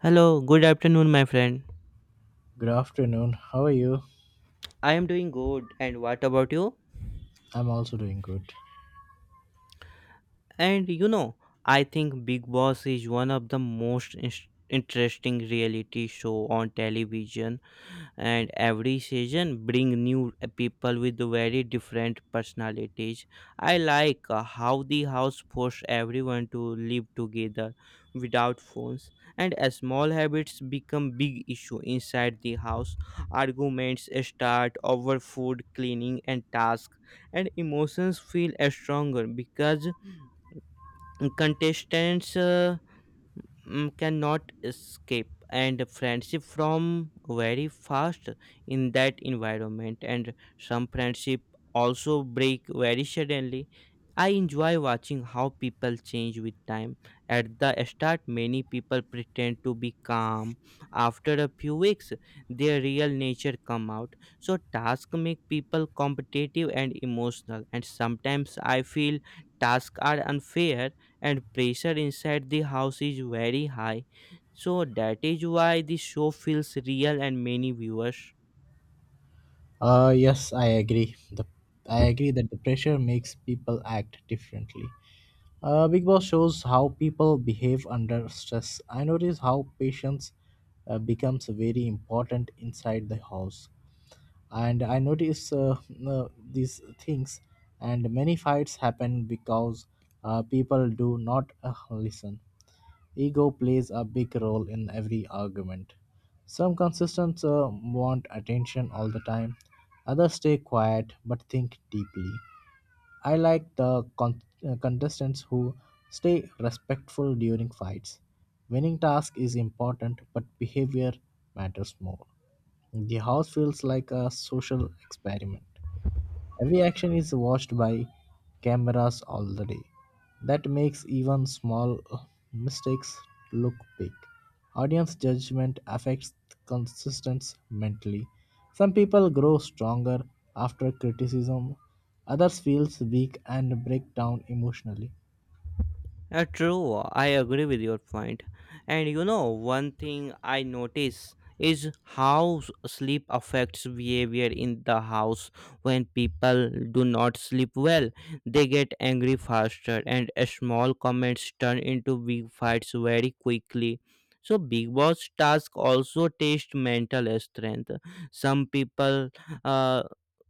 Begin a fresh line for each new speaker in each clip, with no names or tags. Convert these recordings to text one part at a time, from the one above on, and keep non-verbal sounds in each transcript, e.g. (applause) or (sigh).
Hello, good afternoon, my friend.
Good afternoon. How are you?
I am doing good, and what about you?
I'm also doing good.
And you know, I think Big Boss is one of the most interesting reality show on television, and every season bring new people with very different personalities. I like how the house forced everyone to live together without phones, and small habits become big issue inside the house. Arguments start over food, cleaning and task, and emotions feel stronger because contestants cannot escape, and friendship from very fast in that environment, and some friendship also break very suddenly. I enjoy watching how people change with time. At the start many people pretend to be calm. After a few weeks their real nature come out, so tasks make people competitive and emotional, and sometimes I feel tasks are unfair and pressure inside the house is very high. So that is why the show feels real and many viewers.
Yes, I agree. The I agree that the pressure makes people act differently. Big Boss shows how people behave under stress. I notice how patience becomes very important inside the house. And I notice uh, these things and many fights happen because people do not listen. Ego plays a big role in every argument. Some contestants want attention all the time, others stay quiet but think deeply. I like the contestants who stay respectful during fights. Winning task is important, but behavior matters more. The house feels like a social experiment. Every action is watched by cameras all the day. That makes even small mistakes look big. Audience judgment affects consistency mentally. Some people grow stronger after criticism, others feels weak and break down emotionally.
True, I agree with your point. And you know, one thing I notice is how sleep affects behavior in the house. When people do not sleep well, they get angry faster, and small comments turn into big fights very quickly. So Big Boss task also test mental strength. Some people uh,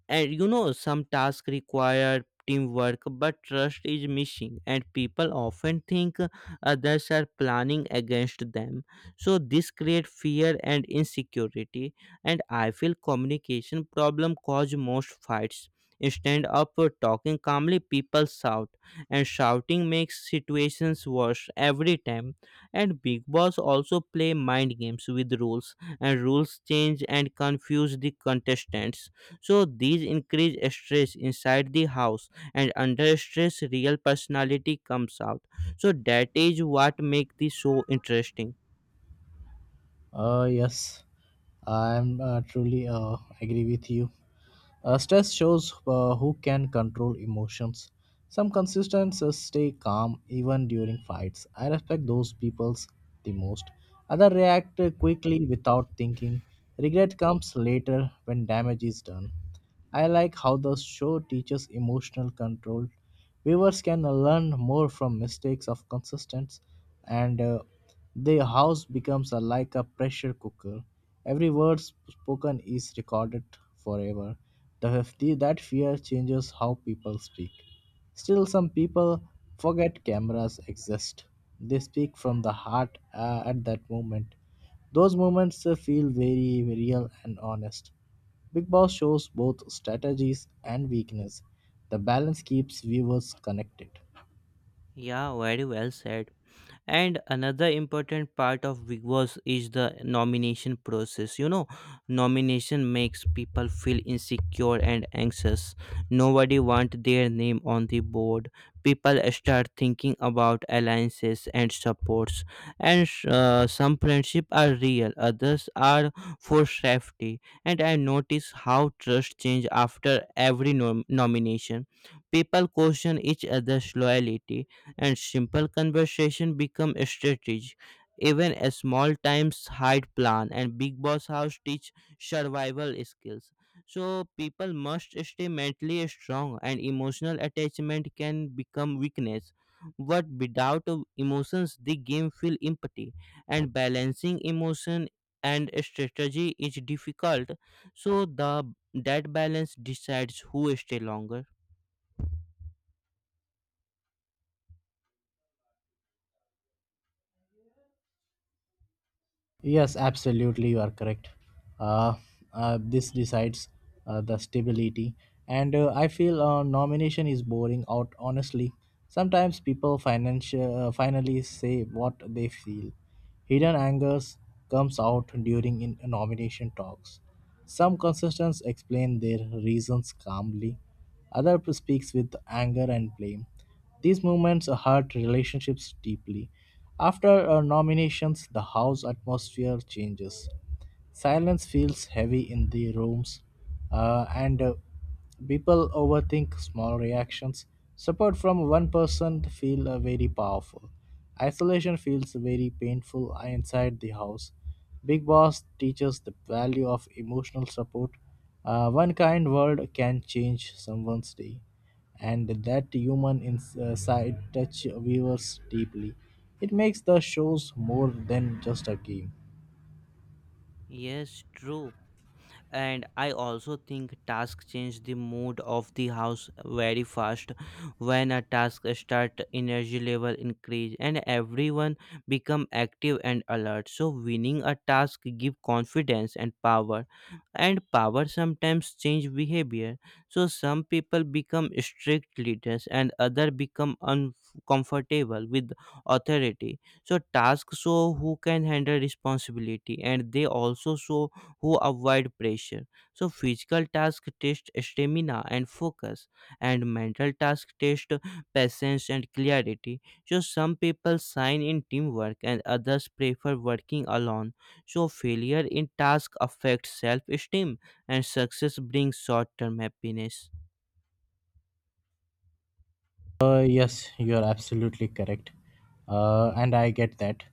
and you know, some tasks require teamwork, but trust is missing, and people often think others are planning against them. So this creates fear and insecurity, and I feel communication problem cause most fights. Instead of talking calmly, people shout, and shouting makes situations worse every time. And Big Boss also play mind games with rules, and rules change and confuse the contestants, so these increase stress inside the house, and under stress, real personality comes out. So that is what make the show interesting.
Yes, I'm truly agree with you. Stress shows who can control emotions. Some contestants stay calm even during fights. I respect those peoples the most. Others react quickly without thinking. Regret comes later when damage is done. I like how the show teaches emotional control. Viewers can learn more from mistakes of consistence, and the house becomes a, like a pressure cooker. Every word spoken is recorded forever. The That fear changes how people speak. Still, some people forget cameras exist. They speak from the heart at that moment. Those moments feel very, very real and honest. Big Boss shows both strategies and weakness. The balance keeps viewers connected.
Yeah, very well said. And another important part of Big Boss is the nomination process, you know. Nomination makes people feel insecure and anxious. Nobody want their name on the board. People start thinking about alliances and supports, and some friendship are real, others are for safety, and I notice how trust change after every nomination. People question each other's loyalty, and simple conversation become a strategy. Even a small times hide plan, and Big Boss house teach survival skills. So people must stay mentally strong, and emotional attachment can become weakness. But without emotions the game feel empty, and balancing emotion and strategy is difficult. So the that balance decides who stay longer.
Yes, absolutely, you are correct. Uh, this decides the stability, and I feel nomination is boring out. Honestly, sometimes people financial finally say what they feel. Hidden angers comes out during in nomination talks. Some contestants explain their reasons calmly. Other speaks with anger and blame. These movements hurt relationships deeply. After nominations, the house atmosphere changes. Silence feels heavy in the rooms, and people overthink small reactions. Support from one person feel very powerful. Isolation feels very painful inside the house. Big Boss teaches the value of emotional support. One kind word can change someone's day, and that human touch viewers deeply. It makes the shows more than just a game.
Yes, true. And I also think task change the mood of the house very fast. When a task start, energy level increase and everyone become active and alert, so winning a task give confidence and power, and power sometimes change behavior. So some people become strict leaders and other become uncomfortable with authority, so tasks show who can handle responsibility, and they also show who avoid pressure. So physical tasks test stamina and focus, and mental tasks test patience and clarity. So some people shine in teamwork and others prefer working alone. So failure in task affects self-esteem, and success brings short-term happiness.
Yes, you are absolutely correct, and I get that.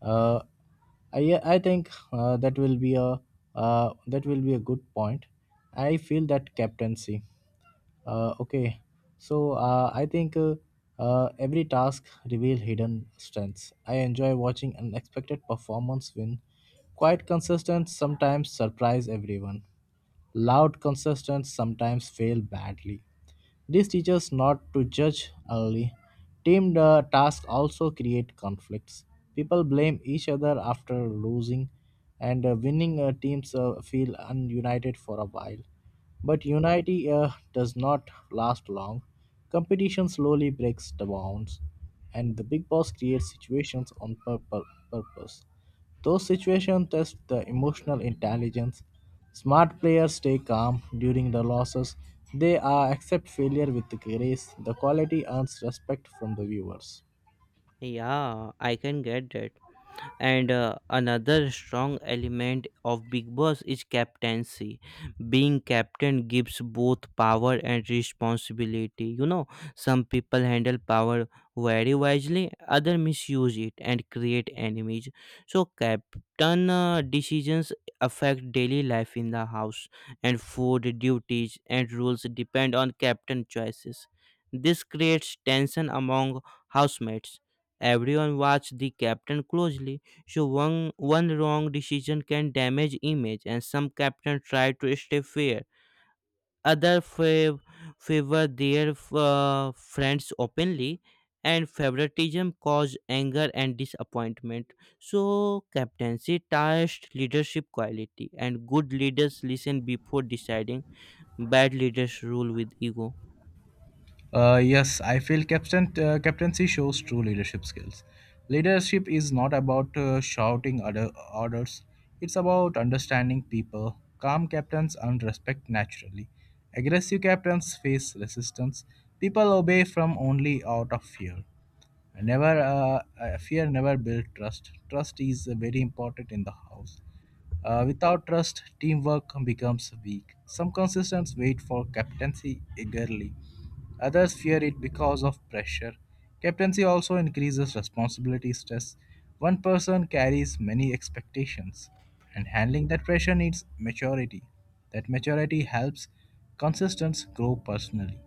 Uh, I think that will be a good point. I feel that captaincy. Okay, so I think every task reveal hidden strengths. I enjoy watching unexpected performance win. Quite consistent, sometimes surprise everyone, loud contestants sometimes fail badly. This teaches not to judge early. Team tasks also create conflicts. People blame each other after losing, and winning teams feel ununited for a while. But unity does not last long. Competition slowly breaks the bounds, and the big boss creates situations on purpose. Those situations test the emotional intelligence. Smart players stay calm during the losses. They accept failure with grace. The quality earns respect from the viewers.
Yeah, I can get that. And another strong element of Big Boss is captaincy. Being captain gives both power and responsibility, you know. Some people handle power very wisely, other misuse it and create enemies. So captain decisions affect daily life in the house, and food duties and rules depend on captain choices. This creates tension among housemates. Everyone watch the captain closely, so one wrong decision can damage image, and some captain try to stay fair. Other favor their friends openly, and favoritism cause anger and disappointment. So captaincy tests leadership quality, and good leaders listen before deciding. Bad leaders rule with ego.
Yes, I feel captaincy shows true leadership skills. Leadership is not about shouting orders, it's about understanding people. Calm captains earn respect naturally. Aggressive captains face resistance. People obey from only out of fear. Never fear never build trust. Trust is very important in the house, without trust teamwork becomes weak. Some contestants wait for captaincy eagerly, others fear it because of pressure. Captaincy also increases responsibility stress. One person carries many expectations, and handling that pressure needs maturity. That maturity helps contestants grow personally.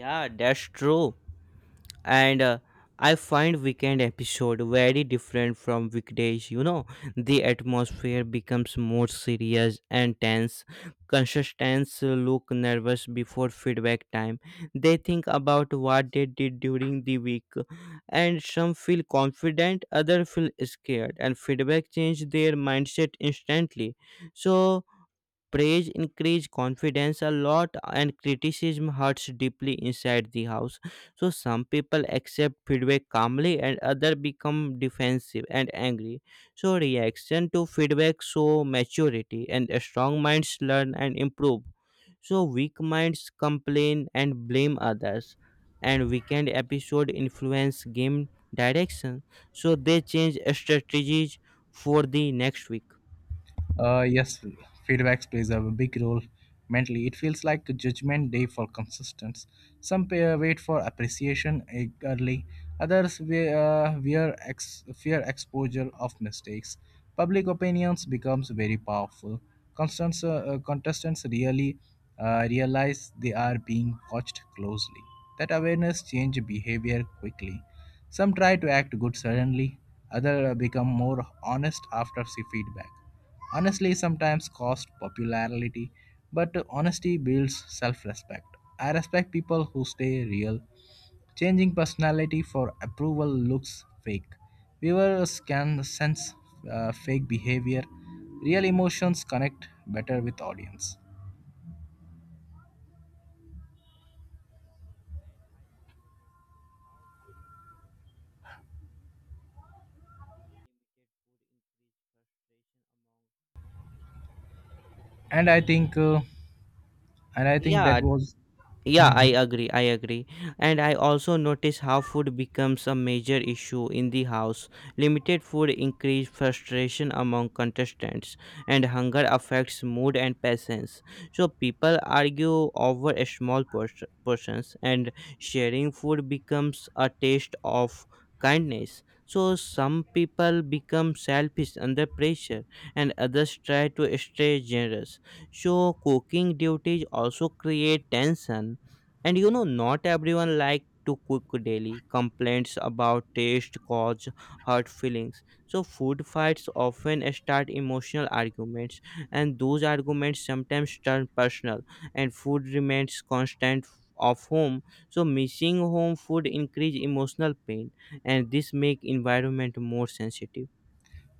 Yeah, that's true. And I find weekend episode very different from weekdays, you know. The atmosphere becomes more serious and tense. Contestants look nervous before feedback time. They think about what they did during the week, and some feel confident, others feel scared, and feedback change their mindset instantly. So praise increase confidence a lot and criticism hurts deeply inside the house. So some people accept feedback calmly and other become defensive and angry. So reaction to feedback show maturity, and strong minds learn and improve. So weak minds complain and blame others, and weekend episode influence game direction, so they change strategies for the next week.
Yes, feedback plays a big role mentally. It feels like a judgment day for consistence. Some wait for appreciation eagerly, others fear exposure of mistakes. Public opinions becomes very powerful. Contestants really realize they are being watched closely. That awareness change behavior quickly. Some try to act good suddenly, others become more honest after see feedback. Honestly, sometimes cost popularity, but honesty builds self respect. I respect people who stay real. Changing personality for approval looks fake. Viewers can sense fake behavior. Real emotions connect better with audience.
And I also noticed how food becomes a major issue in the house. Limited food increased frustration among contestants, and
And I
hence.
think, uh, and I think
Yeah,
that was.
yeah, I
Mhm.
agree. I agree. And I also notice how food becomes a major issue in the house. Limited food increases frustration among contestants, and hunger affects mood and patience. So people argue over a small portions, and sharing food becomes a taste of kindness. So some people become selfish under pressure, and others try to stay generous. So cooking duties also create tension, and you know, not everyone like to cook daily. Complaints about taste cause hurt feelings. So food fights often start emotional arguments, and those arguments sometimes turn personal. And food remains constant of home. So missing home food increase emotional pain, and this make environment more sensitive.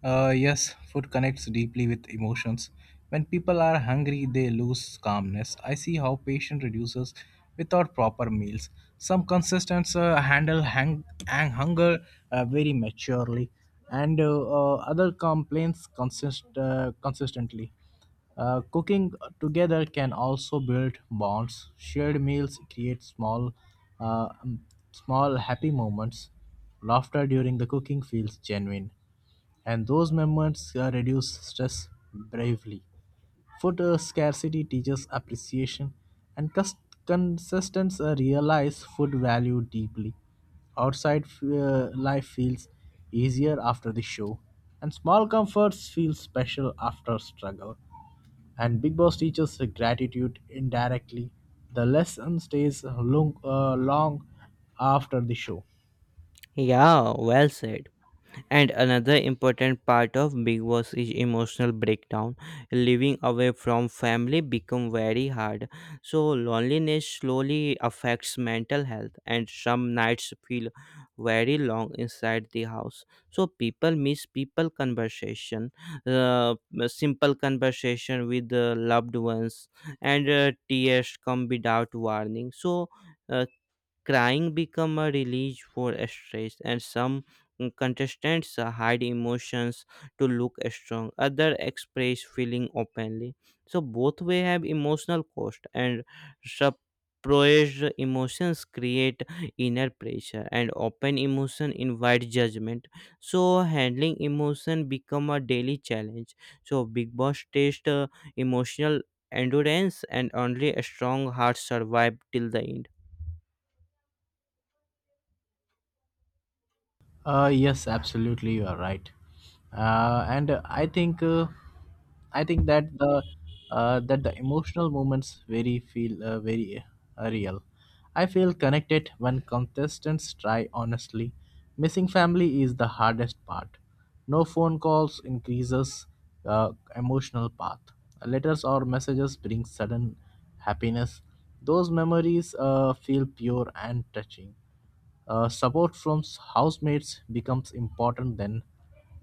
Yes, food connects deeply with emotions. When people are hungry, they lose calmness. I see how patience reduces without proper meals. Some contestants handle hunger very maturely, and other complaints consistently. Cooking together can also build bonds. Shared meals create uh, um, small happy moments. Laughter during the cooking feels genuine, and those moments reduce stress bravely. Food scarcity teaches appreciation, and consistence realize food value deeply. Outside life feels easier after the show, and small comforts feel special after struggle. And Big Boss teaches gratitude indirectly. The lesson stays long after the show.
Yeah, well said. And another important part of Big Boss is emotional breakdown. Living away from family become very hard. So loneliness slowly affects mental health, and some nights feel very long inside the house. So people miss people conversation, uh, simple conversation with the loved ones, and tears come without warning. So uh, Crying become a release for stress, and some contestants hide emotions to look strong. Other express feeling openly. So both way have emotional cost, and suppressed emotions create inner pressure, and open emotion invite judgment. So handling emotion become a daily challenge. So Big Boss test emotional endurance, and only a strong heart survive till the end.
Yes, absolutely, you are right. And I think that the emotional moments very feel very real. I feel connected when contestants try honestly. Missing family is the hardest part. No phone calls increases emotional path. Letters or messages bring sudden happiness. Those memories feel pure and touching. Support from housemates becomes important then.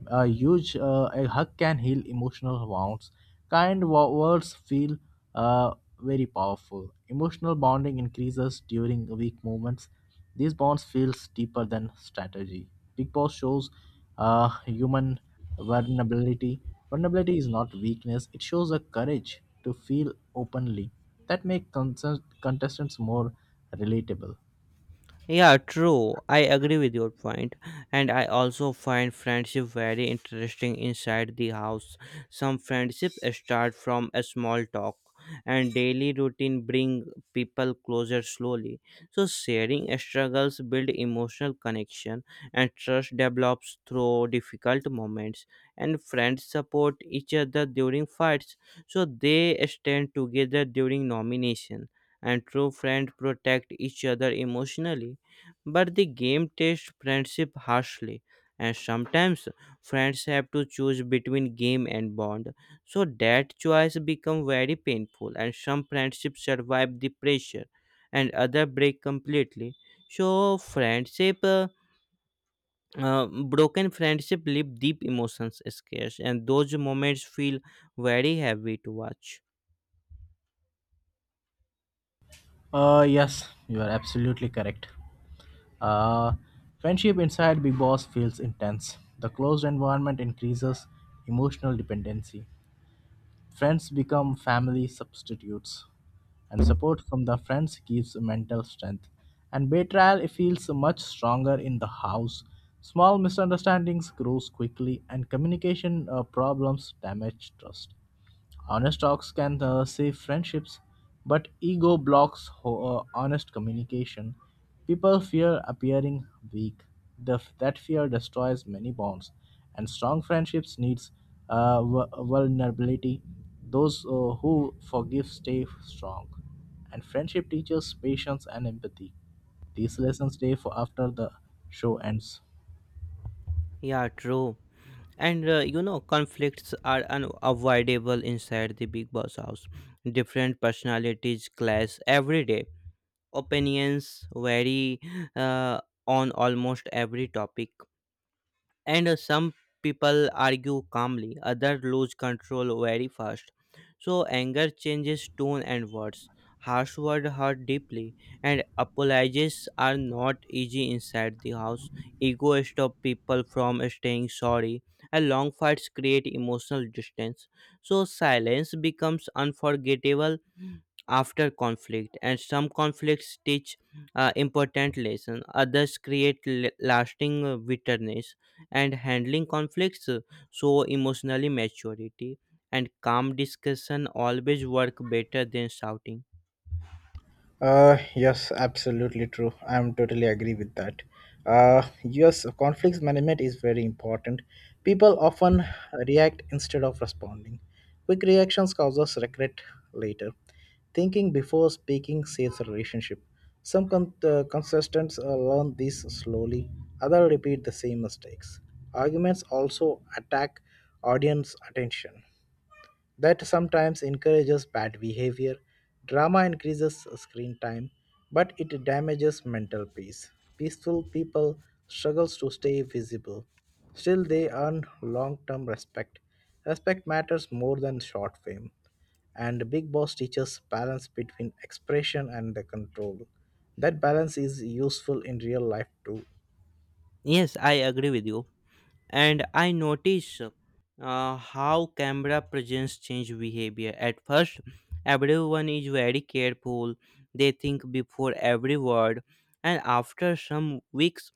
A hug can heal emotional wounds. Kind words feel uh, very powerful. Emotional bonding increases during weak moments. These bonds feels deeper than strategy. Big Boss shows human vulnerability. Vulnerability is not weakness. It shows a courage to feel openly. That make contestants more relatable.
Yeah, true. I agree with your point. And I also find friendship very interesting inside the house. Some friendship start from a small talk, and daily routine bring people closer slowly. So sharing struggles build emotional connection, and trust develops through difficult moments, and friends support each other during fights. So they stand together during nomination, and true friends protect each other emotionally, but the game tests friendship harshly, and sometimes friends have to choose between game and bond. So that choice become very painful, and some friendships survive the pressure and other break completely. So friendship uh, broken friendship leave deep emotions scarce, and those moments feel very heavy to watch.
Yes, you are absolutely correct. Uh, Friendship inside Big Boss feels intense. The closed environment increases emotional dependency. Friends become family substitutes, and support from the friends gives mental strength. And betrayal feels much stronger in the house. Small misunderstandings grows quickly, and communication problems damage trust. Honest talks can save friendships, but ego blocks honest communication. People fear appearing weak. That fear destroys many bonds, and strong friendships needs vulnerability. Those who forgive stay strong, and friendship teaches patience and empathy. These lessons stay for after the show ends.
Yeah, true. And you know, conflicts are unavoidable inside the Big Boss house. Different personalities clash every day. Opinions vary uh, on almost every topic, and some people argue calmly, others lose control very fast. So anger changes tone and words. Harsh words hurt deeply, and apologies are not easy inside the house. Ego stops people from staying sorry, and long fights create emotional distance. So silence becomes unforgettable after conflict, and some conflicts teach important lessons, others create lasting bitterness. And handling conflicts show emotionally maturity, and calm discussion always work better than shouting.
Yes, absolutely true. I'm totally agree with that. Yes, conflicts management is very important. People often react instead of responding. Quick reactions causes regret later. Thinking before speaking saves a relationship. Some contestants learn this slowly. Others repeat the same mistakes. Arguments also attack audience attention that sometimes encourages bad behavior. Drama increases screen time, but it damages mental peace. Peaceful people struggles to stay visible. Still they earn long-term respect. Respect matters more than short fame. And Big Boss teaches balance between expression and the control. That balance is useful in real life too.
Yes, I agree with you. And I notice how camera presence change behavior. At first everyone is very careful. They think before every word, and after some weeks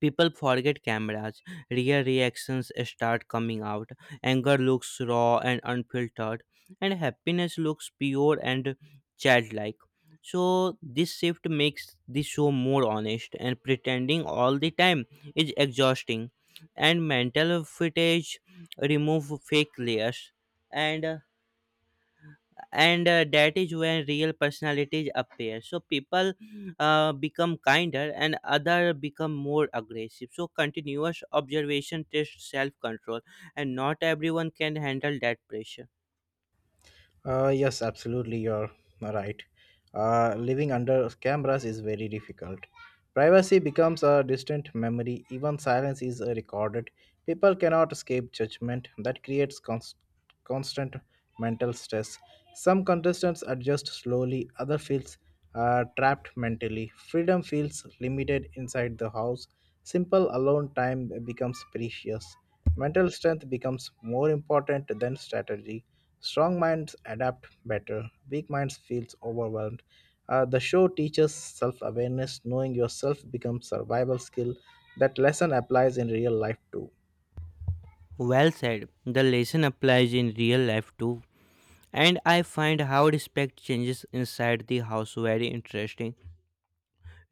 people forget cameras. Real reactions start coming out. Anger looks raw and unfiltered, and happiness looks pure and childlike. So this shift makes the show more honest, and pretending all the time is exhausting. And mental footage remove fake layers, and that is when real personalities appear. So people become kinder and other become more aggressive. So continuous observation tests self control, and not everyone can handle that pressure.
Yes, absolutely, you're right. Living under cameras is very difficult. Privacy becomes a distant memory, even silence is recorded. People cannot escape judgment, that creates constant mental stress. Some contestants adjust slowly, other feels trapped mentally. Freedom feels limited inside the house. Simple alone time becomes precious. Mental strength becomes more important than strategy. Strong minds adapt better, weak minds feels overwhelmed. The show teaches self-awareness. Knowing yourself becomes survival skill. That lesson applies in real life too.
Well said, the lesson applies in real life too. And I find how respect changes inside the house very interesting.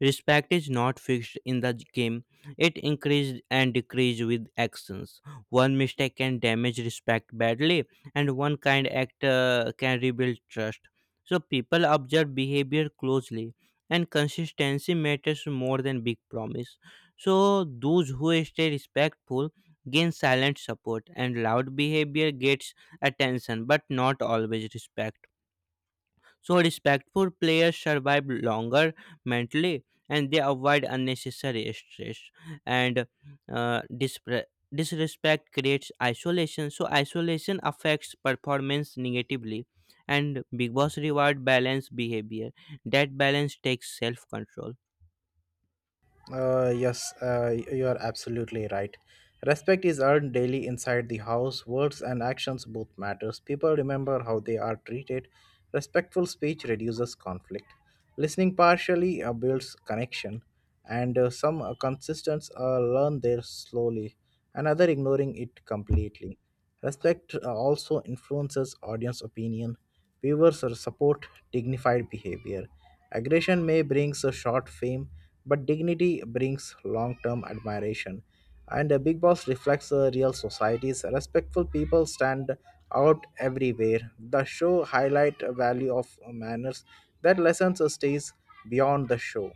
Respect is not fixed in the game, it increases and decreases with actions. One mistake can damage respect badly, and one kind act can rebuild trust. So people observe behavior closely, and consistency matters more than big promise. So those who stay respectful gain silent support, and loud behavior gets attention but not always respect. So respectful players survive longer mentally, and they avoid unnecessary stress. And uh, dispre- disrespect creates isolation. So isolation affects performance negatively. And Big Boss reward balance behavior. That balance takes self control.
Yes, you are absolutely right. Respect is earned daily inside the house. Words and actions both matters. People remember how they are treated. Respectful speech reduces conflict. Listening partially builds connection, and some consistents learn there slowly. Another ignoring it completely. Respect also influences audience opinion. Viewers support dignified behavior. Aggression may brings a short fame, but dignity brings long term admiration, and Big Boss reflects a real society's respectful people stand out everywhere. The show highlight a value of manners that lessons stays beyond the show.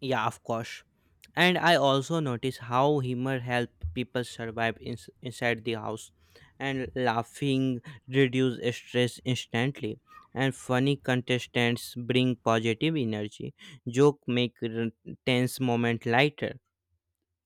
Yeah, of course. And I also notice how humor help people survive inside the house, and laughing reduce stress instantly. And funny contestants bring positive energy. Joke make tense moment lighter,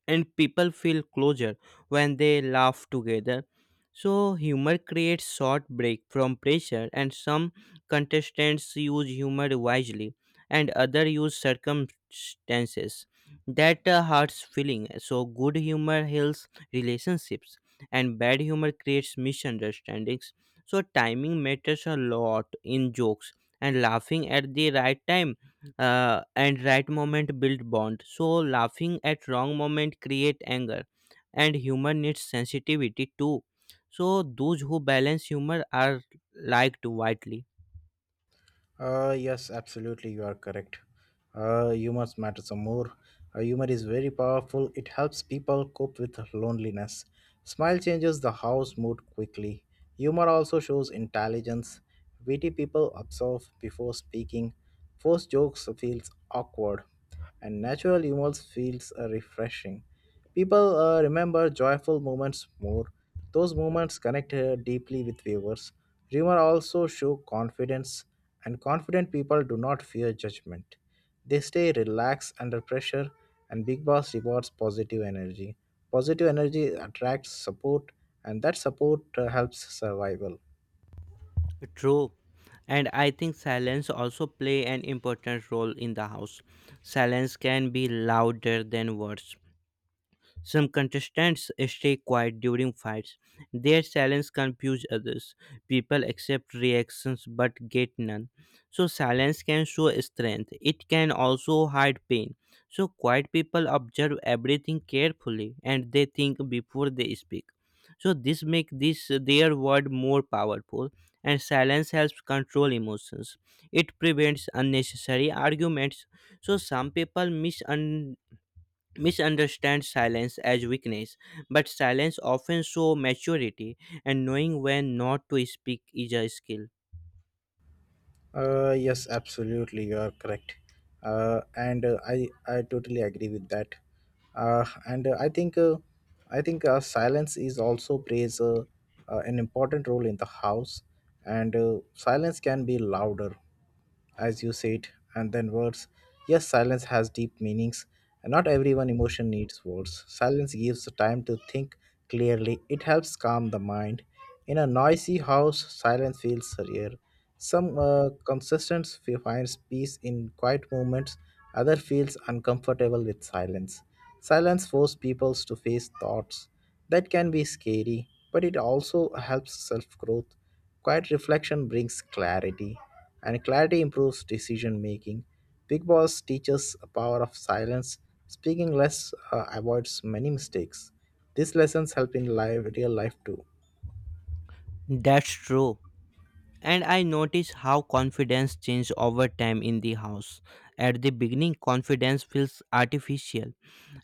and people feel closer when they laugh together. So humor creates short break from pressure, and some contestants use humor wisely, and other use circumstances that hurts feeling. So good humor heals relationships, and bad humor creates misunderstandings. So, timing matters a lot in jokes, and laughing at the right time and right moment build bond. So laughing at wrong moment create anger, and humor needs sensitivity too, so those who balance humor are liked widely.
Yes, absolutely, you are correct. Humor matters some more. Humor is very powerful. It helps people cope with loneliness. Smile changes the house mood quickly. Humor also shows intelligence. Witty people observe before speaking. Forced jokes feels awkward and natural humor feels refreshing. People remember joyful moments more. Those moments connect deeply with viewers. Humor also show confidence, and confident people do not fear judgment. They stay relaxed under pressure, and Big Boss rewards positive energy. Positive energy attracts support, and that support helps survival.
True. And I think silence also play an important role in the house. Silence can be louder than words. Some contestants stay quiet during fights. Their silence confuses others. People accept reactions but get none. So silence can show strength. It can also hide pain. So quiet people observe everything carefully, and they think before they speak. So this makes this their word more powerful, and silence helps control emotions. It prevents unnecessary arguments. So some people misunderstand silence as weakness, but silence often shows maturity, and knowing when not to speak is a skill.
Yes, absolutely, you are correct, and I totally agree with that. And I think silence is also plays an important role in the house, and silence can be louder, as you said, and then words. Yes, silence has deep meanings, and not everyone emotion needs words. Silence gives the time to think clearly. It helps calm the mind. In a noisy house, silence feels rare. Some consistence finds peace in quiet moments, other feels uncomfortable with silence. Silence forces people to face thoughts that can be scary, but it also helps self-growth. Quiet reflection brings clarity, and clarity improves decision making. Big Boss teaches a power of silence. Speaking less avoids many mistakes. These lessons help in life, real life too.
That's true. And I notice how confidence changes over time in the house. At the beginning, confidence feels artificial,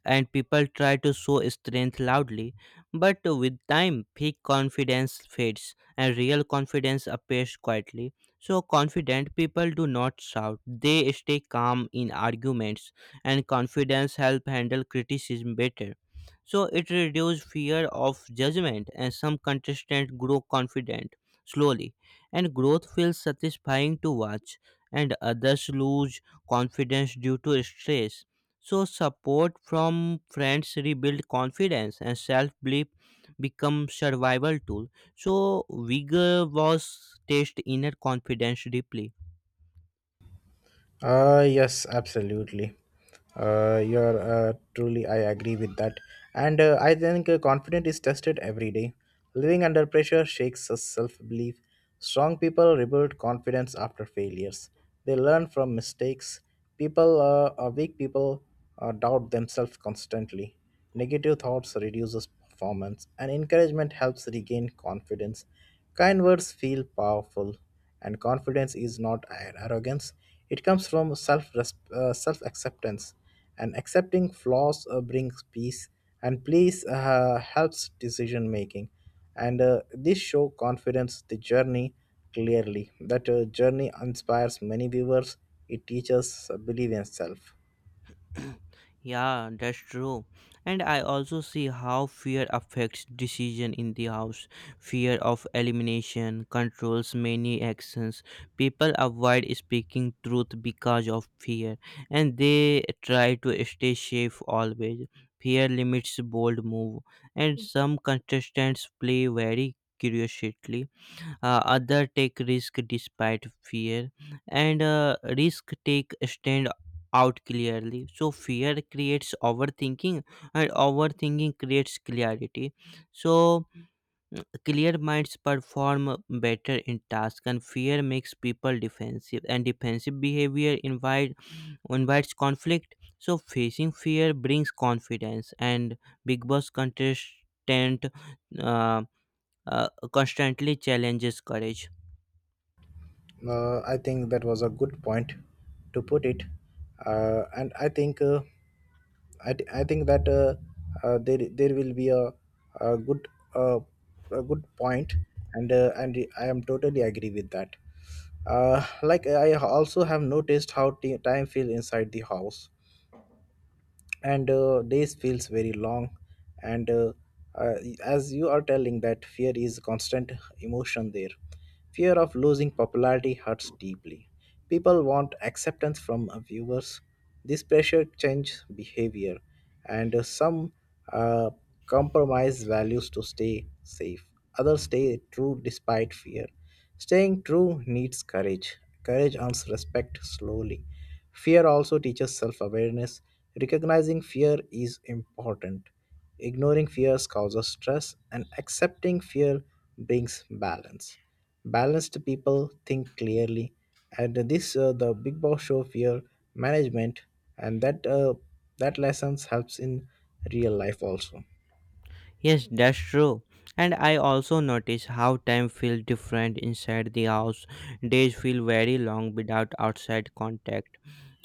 and people try to show strength loudly. But with time, fake confidence fades and real confidence appears quietly. So, confident people do not shout, they stay calm in arguments, and confidence helps handle criticism better. So, it reduces fear of judgment, and some contestants grow confident slowly, and growth feels satisfying to watch, and others lose confidence due to stress. So, support from friends rebuild confidence and self belief become survival tool. So, vigor was test inner confidence deeply.
Yes, absolutely. You're truly, I agree with that. And I think confidence is tested every day. Living under pressure shakes us self belief. Strong people rebuild confidence after failures, they learn from mistakes. Weak people, doubt themselves constantly. Negative thoughts reduces performance, and encouragement helps regain confidence. Kind words feel powerful. And confidence is not an arrogance, it comes from self acceptance. And accepting flaws brings peace, and peace helps decision making. And this show confidence the journey clearly. That journey inspires many viewers, it teaches believe in self.
(clears throat) Yeah, that's true. And I also see how fear affects decision in the house. Fear of elimination controls many actions. People avoid speaking truth because of fear, and they try to stay safe always. Fear limits bold move, and some contestants play very curiously. Other take risk despite fear, and risk take stand out clearly. So fear creates overthinking, and overthinking creates clarity. So clear minds perform better in task, and fear makes people defensive, and defensive behavior invites conflict. So facing fear brings confidence, and big boss contestant uh, constantly challenges courage.
I think that was a good point to put it, and I think that there will be a good uh, a good point, and I am totally agree with that. Like I also have noticed how time feel inside the house, and days feels very long, and uh, as you are telling that fear is constant emotion there. Fear of losing popularity hurts deeply. People want acceptance from viewers. This pressure changes behavior, and some uh, compromise values to stay safe, others stay true despite fear. Staying true needs courage. Courage earns respect slowly. Fear also teaches self awareness. Recognizing fear is important. Ignoring fears causes stress, and accepting fear brings balance. Balanced people think clearly, and this the Big Boss show fear management, and that lessons helps in real life also.
Yes, that's true. And I also notice how time feels different inside the house. Days feel very long without outside contact.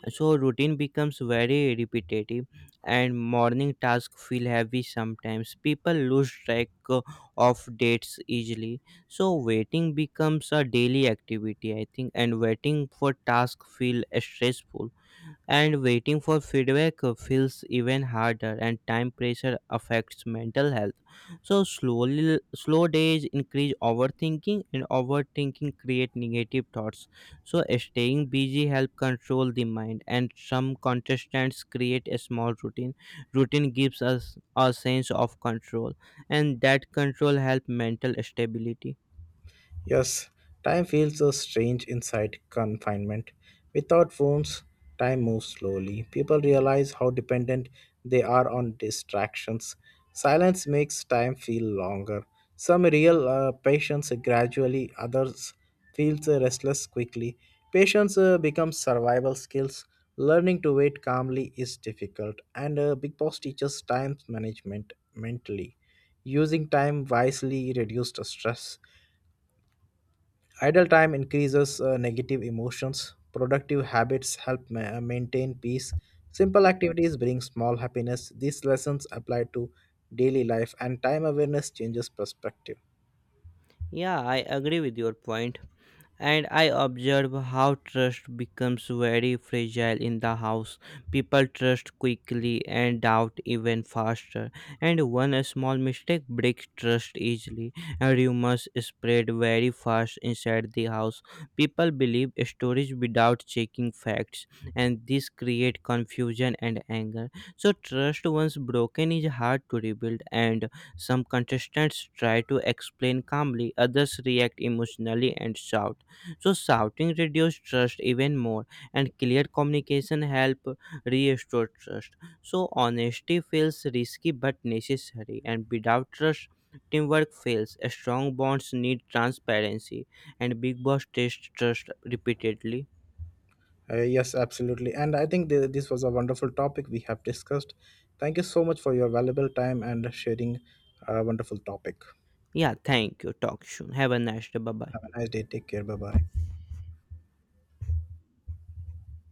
So routine becomes very repetitive, and morning tasks feel heavy sometimes. People lose track of dates easily. So waiting becomes a daily activity, I think, and waiting for tasks feel stressful, and waiting for feedback feels even harder, and time pressure affects mental health. So slowly slow days increase overthinking, and overthinking create negative thoughts. So staying busy help control the mind, and some contestants create a small routine. Routine gives us a sense of control, and that control help mental stability.
Yes, time feels so strange inside confinement. Without phones, time moves slowly. People realize how dependent they are on distractions. Silence makes time feel longer. Some real patients gradually, others feels restless quickly. Patience becomes survival skills. Learning to wait calmly is difficult, and Big Boss teaches time management mentally. Using time wisely reduced stress. Idle time increases negative emotions. Productive habits help maintain peace. Simple activities bring small happiness. These lessons apply to daily life, and time awareness changes perspective.
Yeah, I agree with your point. And I observe how trust becomes very fragile in the house. People trust quickly and doubt even faster, and one small mistake breaks trust easily. And rumors spread very fast inside the house. People believe stories without checking facts, and this creates confusion and anger. So trust once broken is hard to rebuild, and some contestants try to explain calmly, others react emotionally and shout. So shouting reduces trust even more, and clear communication help restore trust. So honesty feels risky but necessary, and without trust, teamwork fails. Strong bonds need transparency, and big boss test trust repeatedly.
Yes, absolutely. And I think this was a wonderful topic we have discussed. Thank you so much for your valuable time and sharing a wonderful topic.
Yeah, thank you. Talk soon. Have a nice day. Bye bye.
Have a nice day. Take care. Bye bye.